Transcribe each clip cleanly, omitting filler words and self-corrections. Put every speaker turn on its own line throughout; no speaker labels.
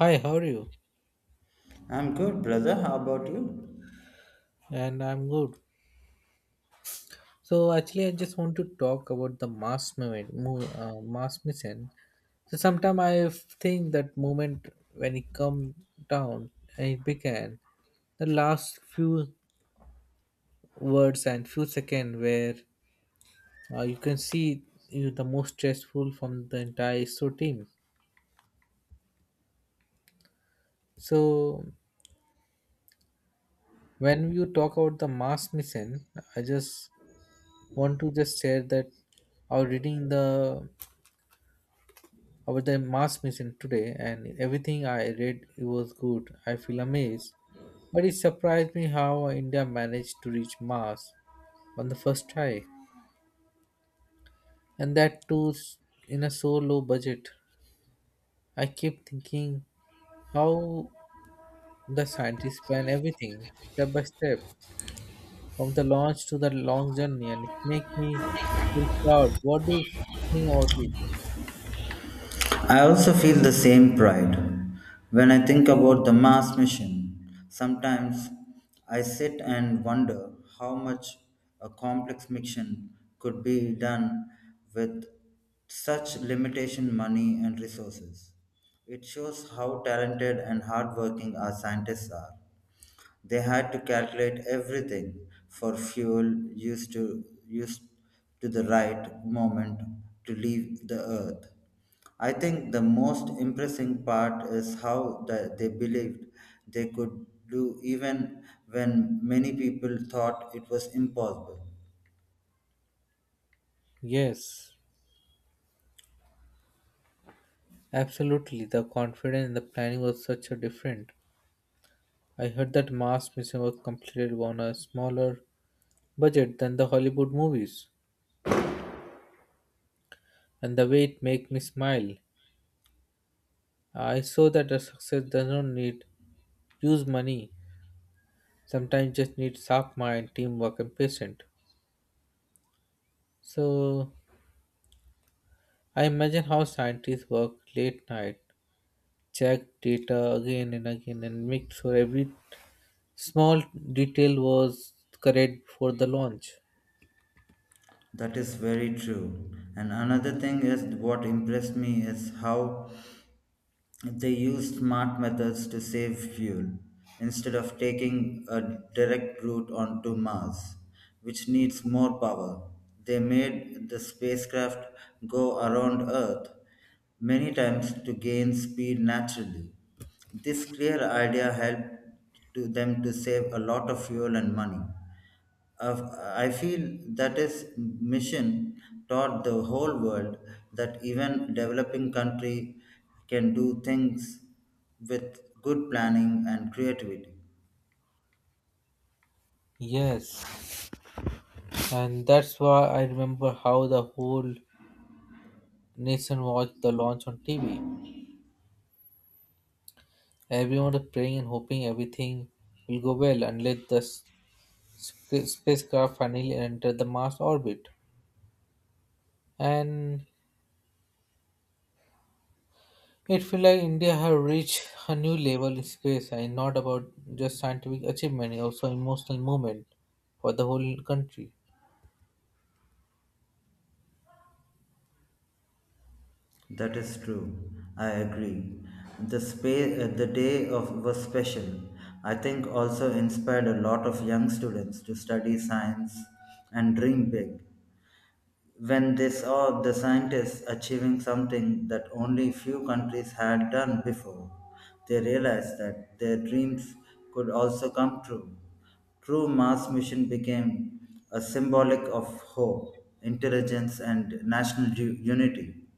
Hi, how are you?
I'm good, brother. How about you?
And I'm good. So actually, I just want to talk about the mass movement, mass mission. So sometime I think that moment when it come down and it began, the last few words and few seconds where you can see you the most stressful from the entire ISRO team. So when you talk about the mass mission, I just want to just share that I was reading the about the Mars mission today, and everything I read it was good. I feel amazed, but it surprised me how India managed to reach Mars on the first try, and that too in a so low budget. I keep thinking how the scientists plan everything step by step, from the launch to the long journey, and it makes me feel proud. What do you think about it?
I also feel the same pride when I think about the Mars mission. Sometimes I sit and wonder how much a complex mission could be done with such limitation money and resources. It shows how talented and hardworking our scientists are. They had to calculate everything for fuel used to the right moment to leave the earth. I think the most impressive part is how they believed they could do even when many people thought it was impossible.
Yes, absolutely. The confidence in the planning was such a different. I heard that Mars Mission was completed on a smaller budget than the Hollywood movies, and the way it made me smile. I saw that a success does not need huge money, sometimes just needs sharp mind, teamwork, and patience. So I imagine how scientists work late night, check data again and again, and make sure every small detail was correct before the launch.
That is very true. And another thing is what impressed me is how they used smart methods to save fuel instead of taking a direct route onto Mars, which needs more power. They made the spacecraft go around Earth many times to gain speed naturally. This clear idea helped to them to save a lot of fuel and money. Of- I feel that his mission taught the whole world that even developing country can do things with good planning and creativity.
Yes, and that's why I remember how the whole Nation watched the launch on TV. Everyone was praying and hoping everything will go well unless the spacecraft finally entered the Mars orbit. And it felt like India had reached a new level in space and not about just scientific achievement, it also emotional moment for the whole country.
That is true. I agree. The space, the day of was special. I think also inspired a lot of young students to study science and dream big. When they saw the scientists achieving something that only few countries had done before, they realized that their dreams could also come true. True Mars mission became a symbolic of hope, intelligence, and national unity.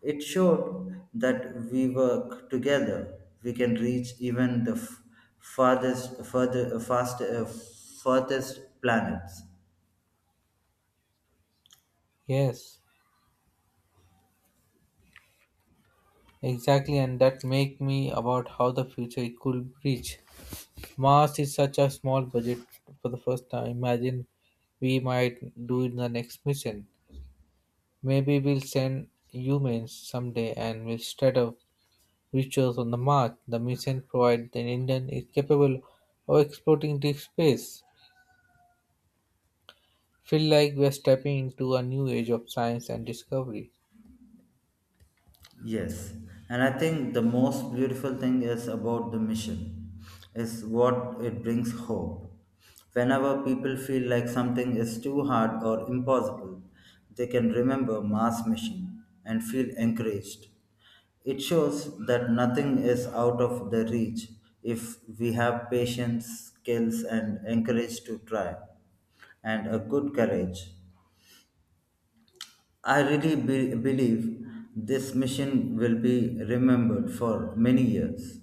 It showed that we work together, we can reach even the farthest, further, fast, uh, furthest planets.
Yes, exactly, and that make me about how the future it could reach. Mars is such a small budget for the first time. Imagine we might do in the next mission. Maybe we'll send humans someday and we'll start up rituals on the Mars. The mission provides that Indian is capable of exploring deep space. Feel like we're stepping into a new age of science and discovery.
Yes, and I think the most beautiful thing is about the mission is what it brings hope. Whenever people feel like something is too hard or impossible, they can remember Mars mission and feel encouraged. It shows that nothing is out of the reach if we have patience, skills and encourage to try and a good courage. I really believe this mission will be remembered for many years.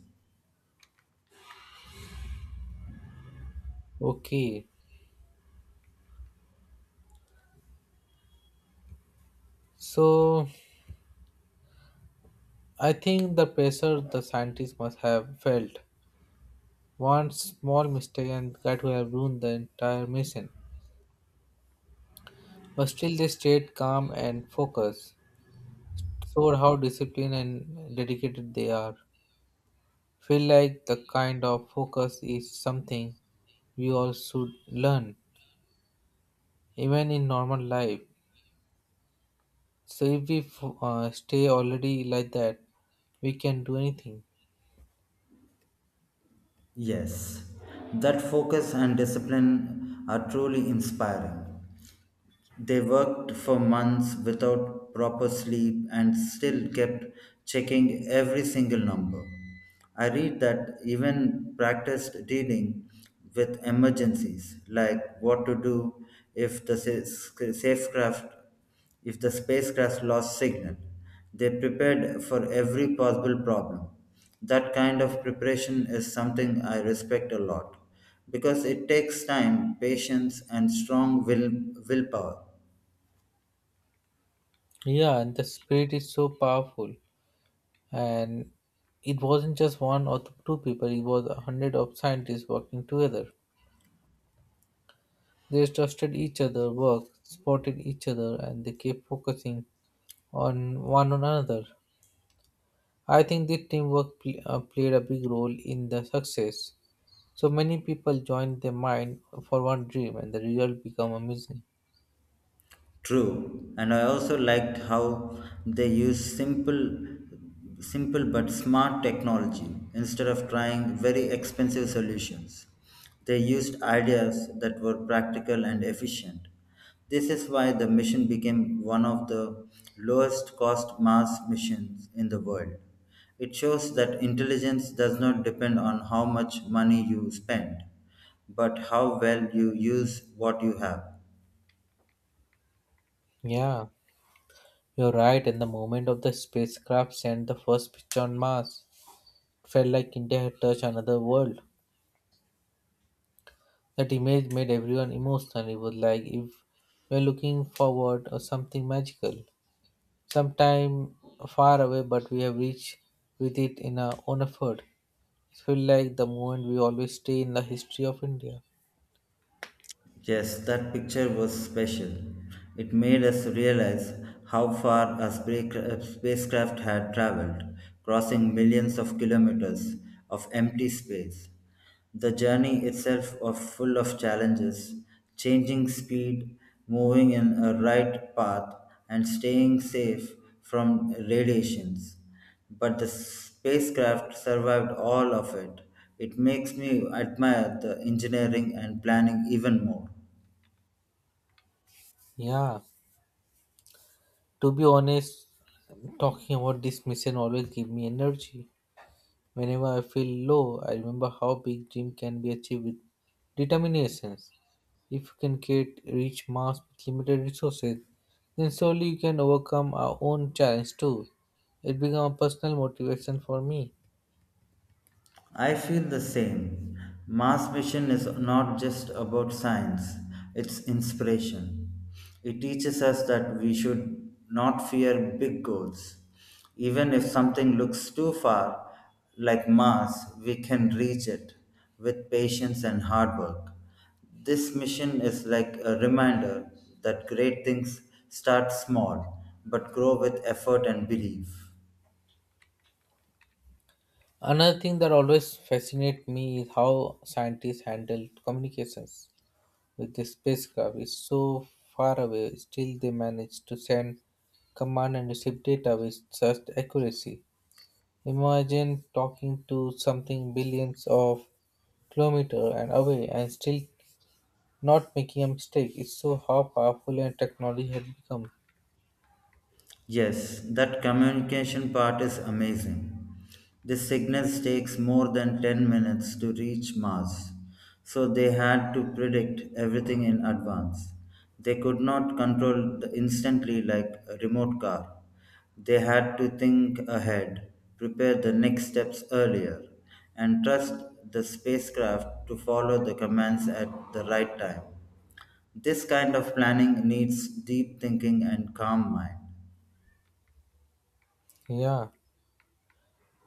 Okay, so I think the pressure the scientists must have felt. One small mistake and that would have ruined the entire mission. But still, they stayed calm and focused. Showed how disciplined and dedicated they are. Feel like the kind of focus is something we all should learn, even in normal life. So if we stay already like that, we can do anything.
Yes, that focus and discipline are truly inspiring. They worked for months without proper sleep and still kept checking every single number. I read that even practiced dealing with emergencies like what to do if the spacecraft lost signal. They prepared for every possible problem. That kind of preparation is something I respect a lot because it takes time, patience, and strong willpower.
Yeah, and the spirit is so powerful, and it wasn't just one or two people; it was a hundred of scientists working together. They trusted each other work, supported each other, and they kept focusing on one another. I think the teamwork played a big role in the success. So many people joined their mind for one dream, and the result became amazing.
True, and I also liked how they use simple but smart technology instead of trying very expensive solutions. They used ideas that were practical and efficient. This is why the mission became one of the lowest cost Mars missions in the world. It shows that intelligence does not depend on how much money you spend, but how well you use what you have.
Yeah, you're right. And the moment of the spacecraft sent the first picture on Mars, it felt like India had touched another world. That image made everyone emotional. It was like if we're looking forward or something magical, sometime far away, but we have reached with it in our own effort. Feel like the moment we always stay in the history of India.
Yes, that picture was special. It made us realize how far a spacecraft had traveled, crossing millions of kilometers of empty space. The journey itself of full of challenges, changing speed, moving in a right path, and staying safe from radiations. But the spacecraft survived all of it. It makes me admire the engineering and planning even more.
Yeah, to be honest, talking about this mission always give me energy. Whenever I feel low, I remember how big dream can be achieved with determination. If you can create reach mass with limited resources, then surely you can overcome our own challenge too. It became a personal motivation for me.
I feel the same. Mars Mission is not just about science, it's inspiration. It teaches us that we should not fear big goals. Even if something looks too far, like Mars, we can reach it with patience and hard work. This mission is like a reminder that great things start small but grow with effort and belief.
Another thing that always fascinates me is how scientists handle communications with the spacecraft is so far away, still they managed to send command and receive data with such accuracy. Imagine talking to something billions of kilometers and away and still not making a mistake. It's so how powerful and technology has become.
Yes, that communication part is amazing. The signals takes more than 10 minutes to reach Mars, so they had to predict everything in advance. They could not control the instantly like a remote car. They had to think ahead, prepare the next steps earlier, and trust the spacecraft to follow the commands at the right time. This kind of planning needs deep thinking and calm mind.
Yeah.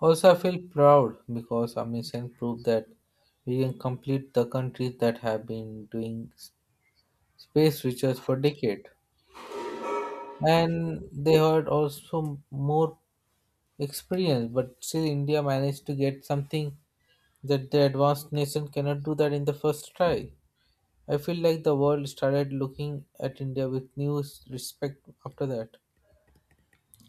Also, I feel proud because our mission proved that we can complete the countries that have been doing space research for decades. And they had also more experience, but still India managed to get something that the advanced nation cannot do that in the first try. I feel like the world started looking at India with new respect after that.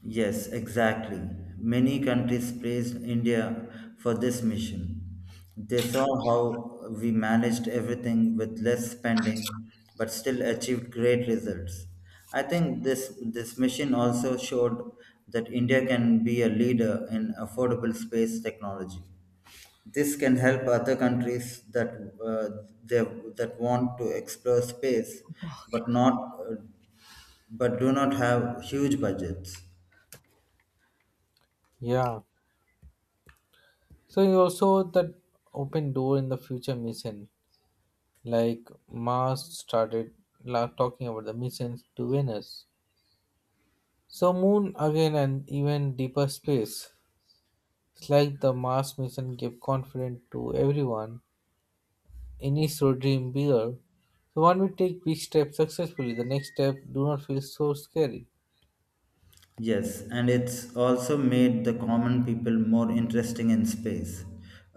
Yes, exactly. Many countries praised India for this mission. They saw how we managed everything with less spending but still achieved great results. I think this mission also showed that India can be a leader in affordable space technology. This can help other countries uh, they, that want to explore space but not but do not have huge budgets.
Yeah. So you also that open door in the future mission, like Mars started talking about the missions to Venus. So moon again and even deeper space. It's like the Mars mission gave confidence to everyone. Any so dream bigger. So when we take big steps successfully, the next step do not feel so scary.
Yes, and it's also made the common people more interesting in space.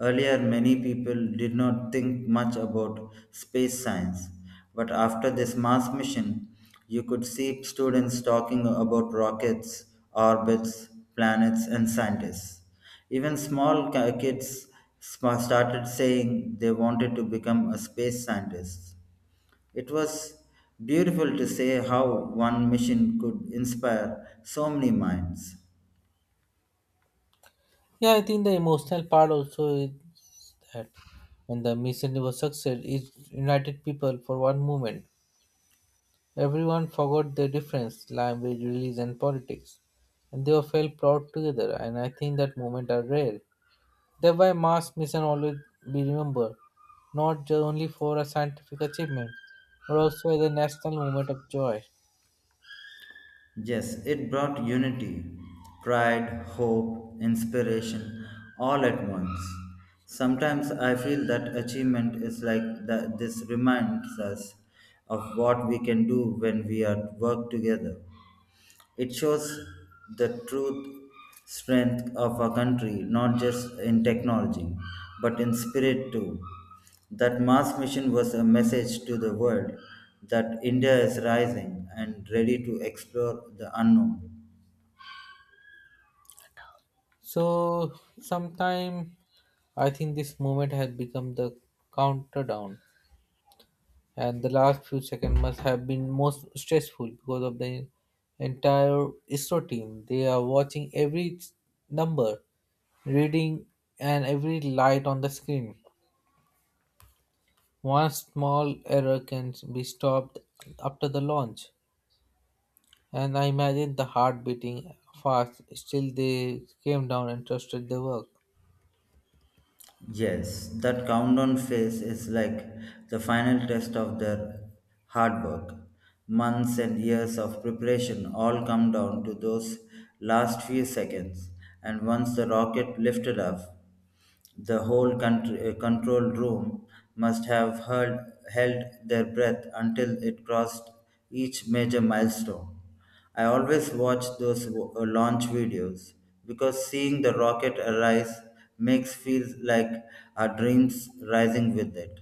Earlier, many people did not think much about space science, but after this Mars mission, you could see students talking about rockets, orbits, planets, and scientists. Even small kids started saying they wanted to become a space scientist. It was beautiful to see how one mission could inspire so many minds.
Yeah, I think the emotional part also is that when the Miss Universe success, it united people for one moment. Everyone forgot their difference, language, religion, and politics, and they all felt proud together. And I think that moment are rare. Thereby, mass mission always be remembered, not just only for a scientific achievement, but also as a national moment of joy.
Yes, it brought unity, pride, hope, inspiration, all at once. Sometimes I feel that achievement is like that. This reminds us of what we can do when we are work together. It shows the truth strength of a country, not just in technology, but in spirit too. That Mars mission was a message to the world that India is rising and ready to explore the unknown.
So sometime I think this moment has become the countdown and the last few seconds must have been most stressful because of the entire ISRO team. They are watching every number, reading and every light on the screen. One small error can be stopped after the launch. And I imagine the heart beating fast. Still they came down and trusted their work.
Yes, that countdown phase is like the final test of their hard work. Months and years of preparation all come down to those last few seconds. And once the rocket lifted off, the whole country, control room must have held their breath until it crossed each major milestone. I always watch those launch videos because seeing the rocket arise makes feels like our dreams rising with it.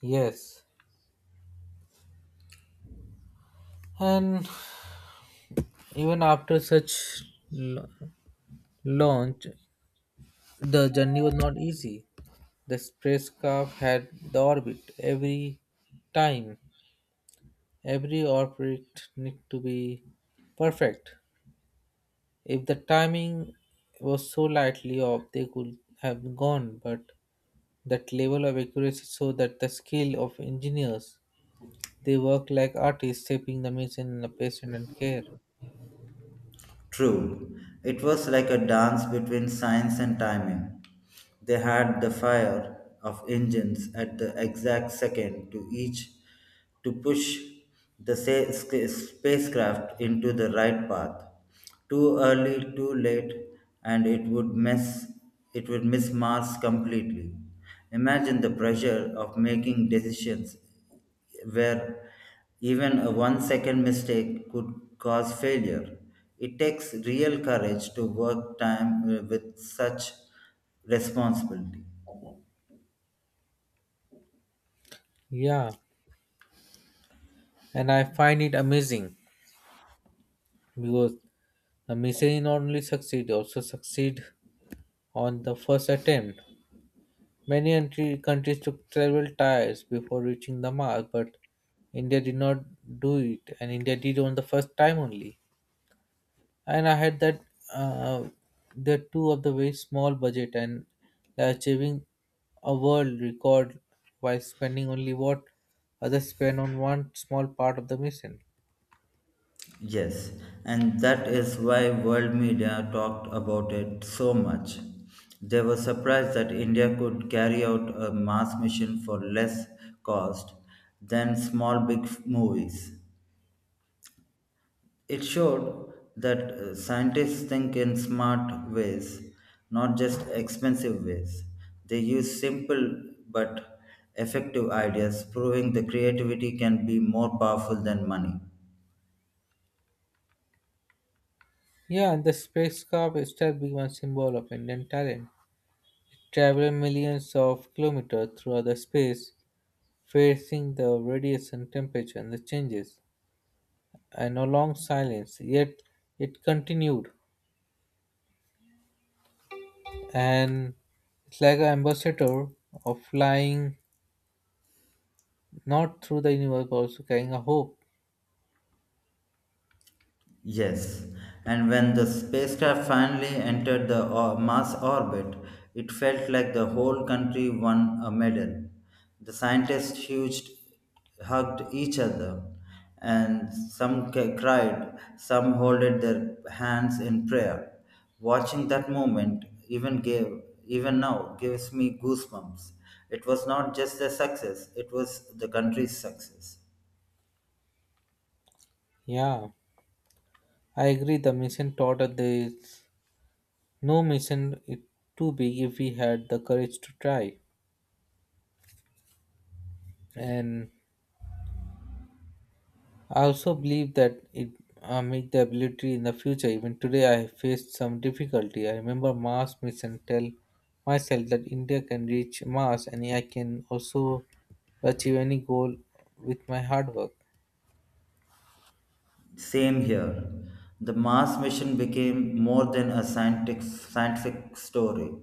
Yes. And even after such la- launch, the journey was not easy. The spacecraft had the orbit every time, every orbit need to be perfect. If the timing was so lightly off, they could have gone. But that level of accuracy showed that the skill of engineers, they work like artists, shaping the mission in a patient and care.
True, it was like a dance between science and timing. They had the fire of engines at the exact second to push the spacecraft into the right path. Too early, too late, and it would mess it would miss Mars completely. Imagine the pressure of making decisions where even a 1 second mistake could cause failure. It takes real courage to work time with such responsibility.
Yeah, and I find it amazing because the missile not only succeed also succeed on the first attempt. Many countries took several tries before reaching the mark, but India did not do it, and India did on the first time only. And I had that uh, the two of the very small budget and achieving a world record while spending only what others spend on one small part of the mission.
Yes, and that is why world media talked about it so much. They were surprised that India could carry out a mass mission for less cost than small big movies. It showed that scientists think in smart ways, not just expensive ways. They use simple but effective ideas, proving the creativity can be more powerful than money.
Yeah, and the spacecraft itself became a symbol of Indian talent, traveling millions of kilometers through other space, facing the radiation, temperature, and the changes, and a long silence. Yet it continued, and it's like an ambassador of flying not through the universe, but also carrying a hope.
Yes, and when the spacecraft finally entered the Mars orbit, it felt like the whole country won a medal. The scientists hugged each other, and some cried, some holded their hands in prayer. Watching that moment, even now, gives me goosebumps. It was not just the success; it was the country's success.
Yeah, I agree. The mission taught that there is no mission it too big if we had the courage to try, and I also believe that it make the ability in the future. Even today, I have faced some difficulty. I remember Mars mission tell myself that India can reach Mars, and I can also achieve any goal with my hard work.
Same here. The Mars mission became more than a scientific story.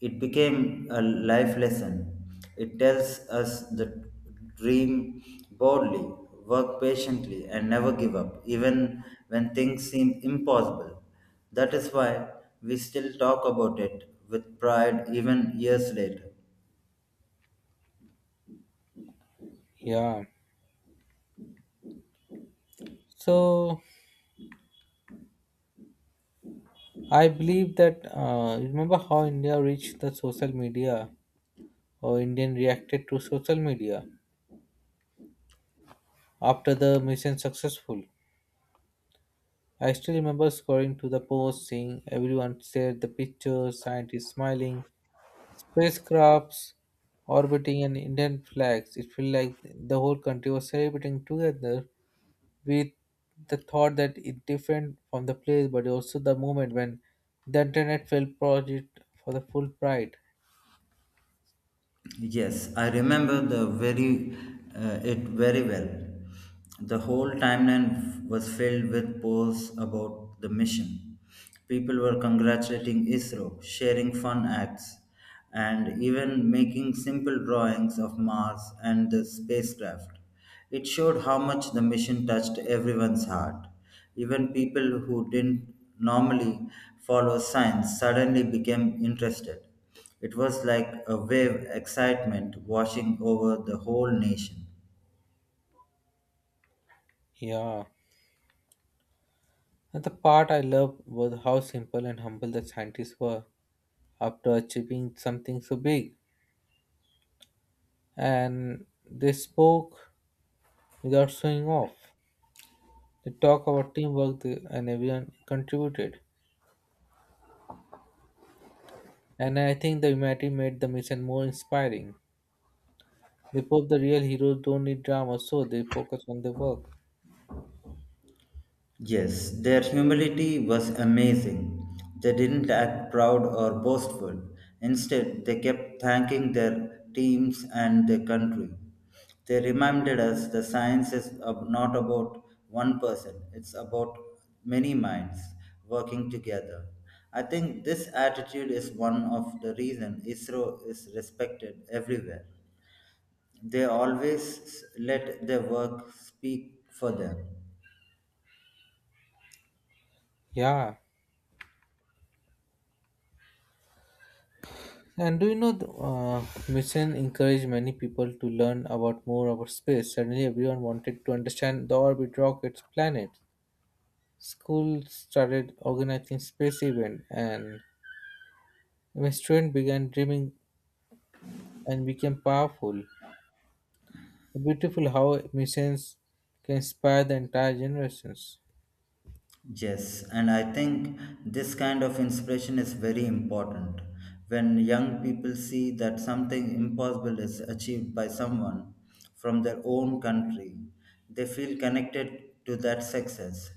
It became a life lesson. It tells us the dream boldly, work patiently, and never give up, even when things seem impossible. That is why we still talk about it with pride even years later.
Yeah. So I believe that remember how India reached the social media or Indian reacted to social media after the mission successful. I still remember scrolling to the post, seeing everyone shared the pictures, scientists smiling, spacecrafts orbiting, and Indian flags. It felt like the whole country was celebrating together with the thought that it's different from the place, but also the moment when the internet felt project for the full pride.
Yes, I remember the very it very well. The whole timeline was filled with posts about the mission. People were congratulating ISRO, sharing fun acts, and even making simple drawings of Mars and the spacecraft. It showed how much the mission touched everyone's heart. Even people who didn't normally follow science suddenly became interested. It was like a wave excitement washing over the whole nation.
Yeah. And the part I loved was how simple and humble the scientists were after achieving something so big. And they spoke without showing off. They talk about teamwork and everyone contributed. And I think the humanity made the mission more inspiring. They proved the real heroes don't need drama, so they focus on their work.
Yes, their humility was amazing. They didn't act proud or boastful. Instead, they kept thanking their teams and their country. They reminded us the science is not about one person, it's about many minds working together. I think this attitude is one of the reason ISRO is respected everywhere. They always let their work speak for them.
Yeah. And do you know, the mission encouraged many people to learn about more about space. Suddenly, everyone wanted to understand the orbit, rockets, planets. Schools started organizing space events, and my student began dreaming and became powerful. Beautiful how missions can inspire the entire generations.
Yes, and I think this kind of inspiration is very important. When young people see that something impossible is achieved by someone from their own country, they feel connected to that success.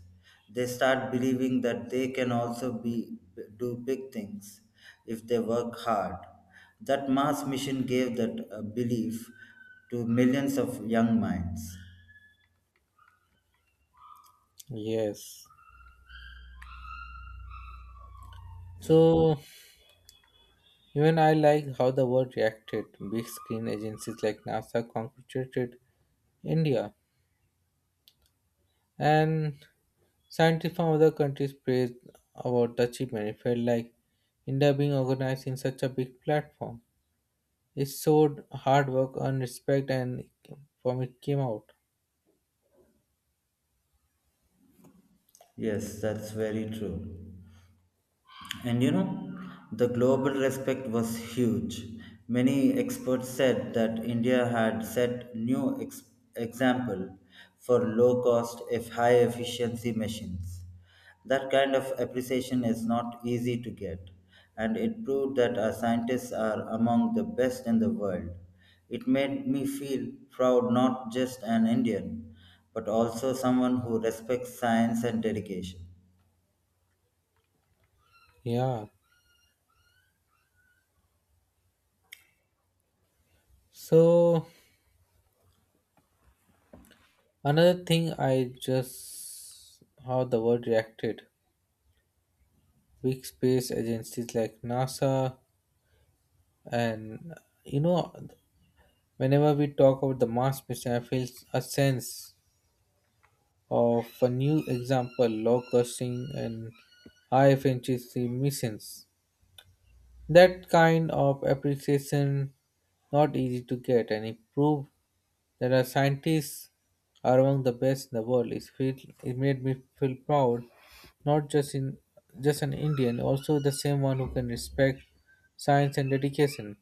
They start believing that they can also be do big things if they work hard. That mass mission gave that belief to millions of young minds.
Yes. So even I like how the world reacted. Big screen agencies like NASA congratulated India, and scientists from other countries praised about the achievement. It felt like India being organized in such a big platform. It showed hard work and respect, and from it came out.
Yes, that's very true. And you know, the global respect was huge. Many experts said that India had set new example for low cost if high efficiency machines. That kind of appreciation is not easy to get, and it proved that our scientists are among the best in the world. It made me feel proud not just an Indian, but also someone who respects science and dedication.
Yeah. So another thing I just how the world reacted. Big space agencies like NASA and you know whenever we talk about the Mars mission, I feel a sense of a new example, low costing and high efficiency missions. That kind of appreciation not easy to get and it proved that our scientists are among the best in the world. It made me feel proud, not just in just an Indian, also the same one who can respect science and dedication.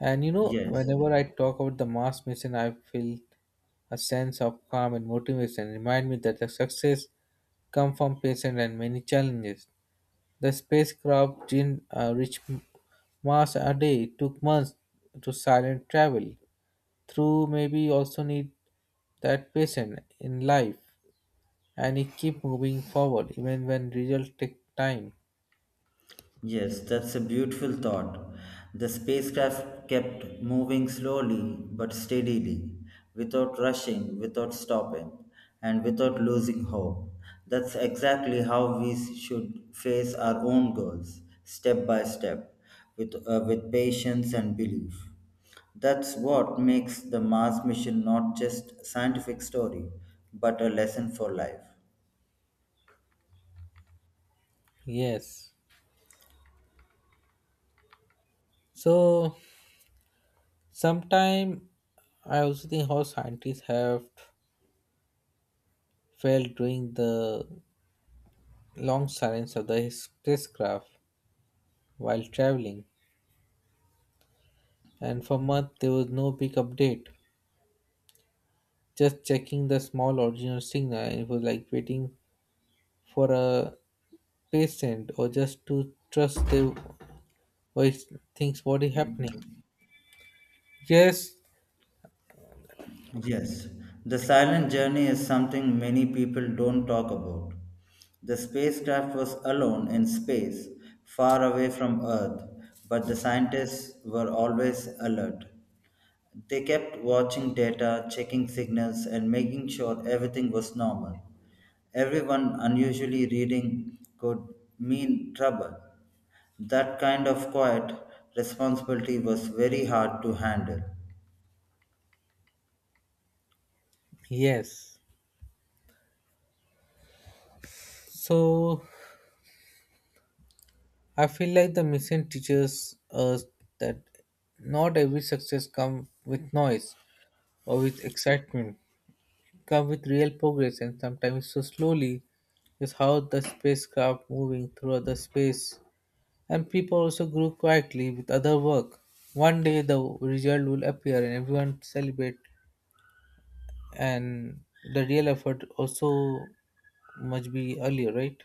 And you know,
Yes.
whenever I talk about the Mars mission, I feel a sense of calm and motivation. Remind me that the success come from patience and many challenges. The spacecraft didn't reach Mars a day. It took months to silent travel. Through maybe also need that patient in life and he keep moving forward even when results take time.
Yes, that's a beautiful thought. The spacecraft kept moving slowly but steadily, without rushing, without stopping, and without losing hope. That's exactly how we should face our own goals, step by step, with patience and belief. That's what makes the Mars mission not just a scientific story, but a lesson for life.
Yes. So sometime I also think how scientists have failed during the long silence of the spacecraft while traveling and for months there was no big update, just checking the small original signal and it was like waiting for a patient or just to trust the voice things what is happening. Yes.
Yes, the silent journey is something many people don't talk about. The spacecraft was alone in space, far away from Earth, but the scientists were always alert. They kept watching data, checking signals, and making sure everything was normal. Everyone unusually reading could mean trouble. That kind of quiet responsibility was very hard to handle.
Yes. So I feel like the mission teaches us that not every success comes with noise or with excitement. Come with real progress and sometimes so slowly is how the spacecraft moving through other space and people also grew quietly with other work. One day the result will appear and everyone celebrate and the real effort also must be earlier, right?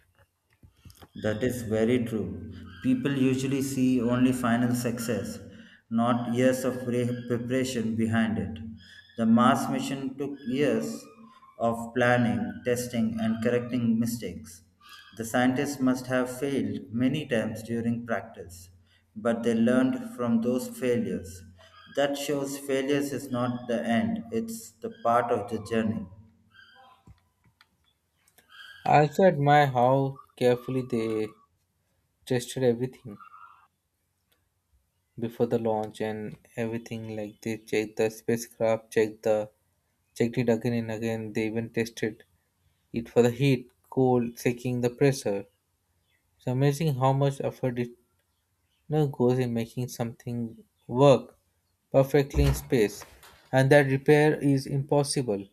That is very true. People usually see only final success, not years of preparation behind it. The Mars mission took years of planning, testing, and correcting mistakes. The scientists must have failed many times during practice, but they learned from those failures. That shows failures is not the end, it's the part of the journey.
I also admire how carefully they tested everything before the launch and everything like they checked the spacecraft checked the checked it again and again they even tested it for the heat cold checking the pressure. It's amazing how much effort it goes in making something work perfectly in space and that repair is impossible.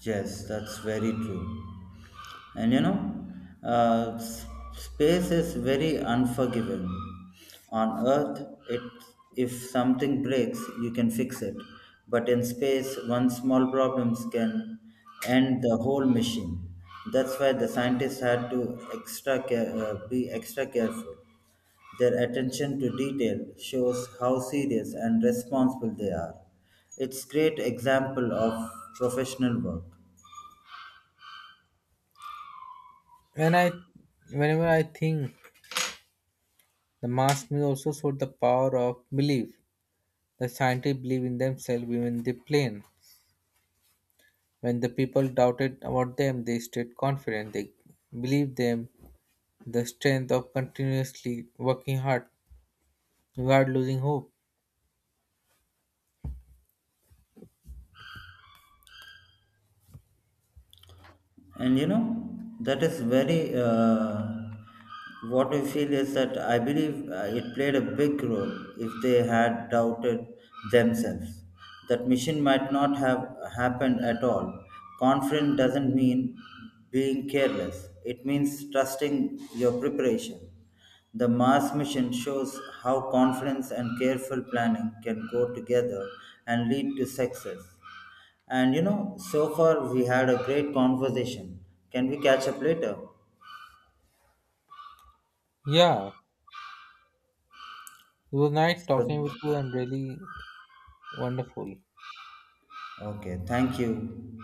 Yes, that's very true. And you know, uh, s- space is very unforgiving. On Earth, it if something breaks, you can fix it. But in space, one small problems can end the whole mission. That's why the scientists had to be extra careful. Their attention to detail shows how serious and responsible they are. It's great example of professional work.
When i whenever i think the mask me also showed the power of belief, the scientists believe in themselves even they plane. When the people doubted about them, they stayed confident. They believed them the strength of continuously working hard without losing hope.
And you know, that is very what we feel is that I believe it played a big role. If they had doubted themselves, that mission might not have happened at all. Confident doesn't mean being careless, it means trusting your preparation. The Mars mission shows how confidence and careful planning can go together and lead to success. And you know, so far we had a great conversation. Can we catch up later?
Yeah, it was nice
So-
talking with you and really wonderful.
Okay, thank you.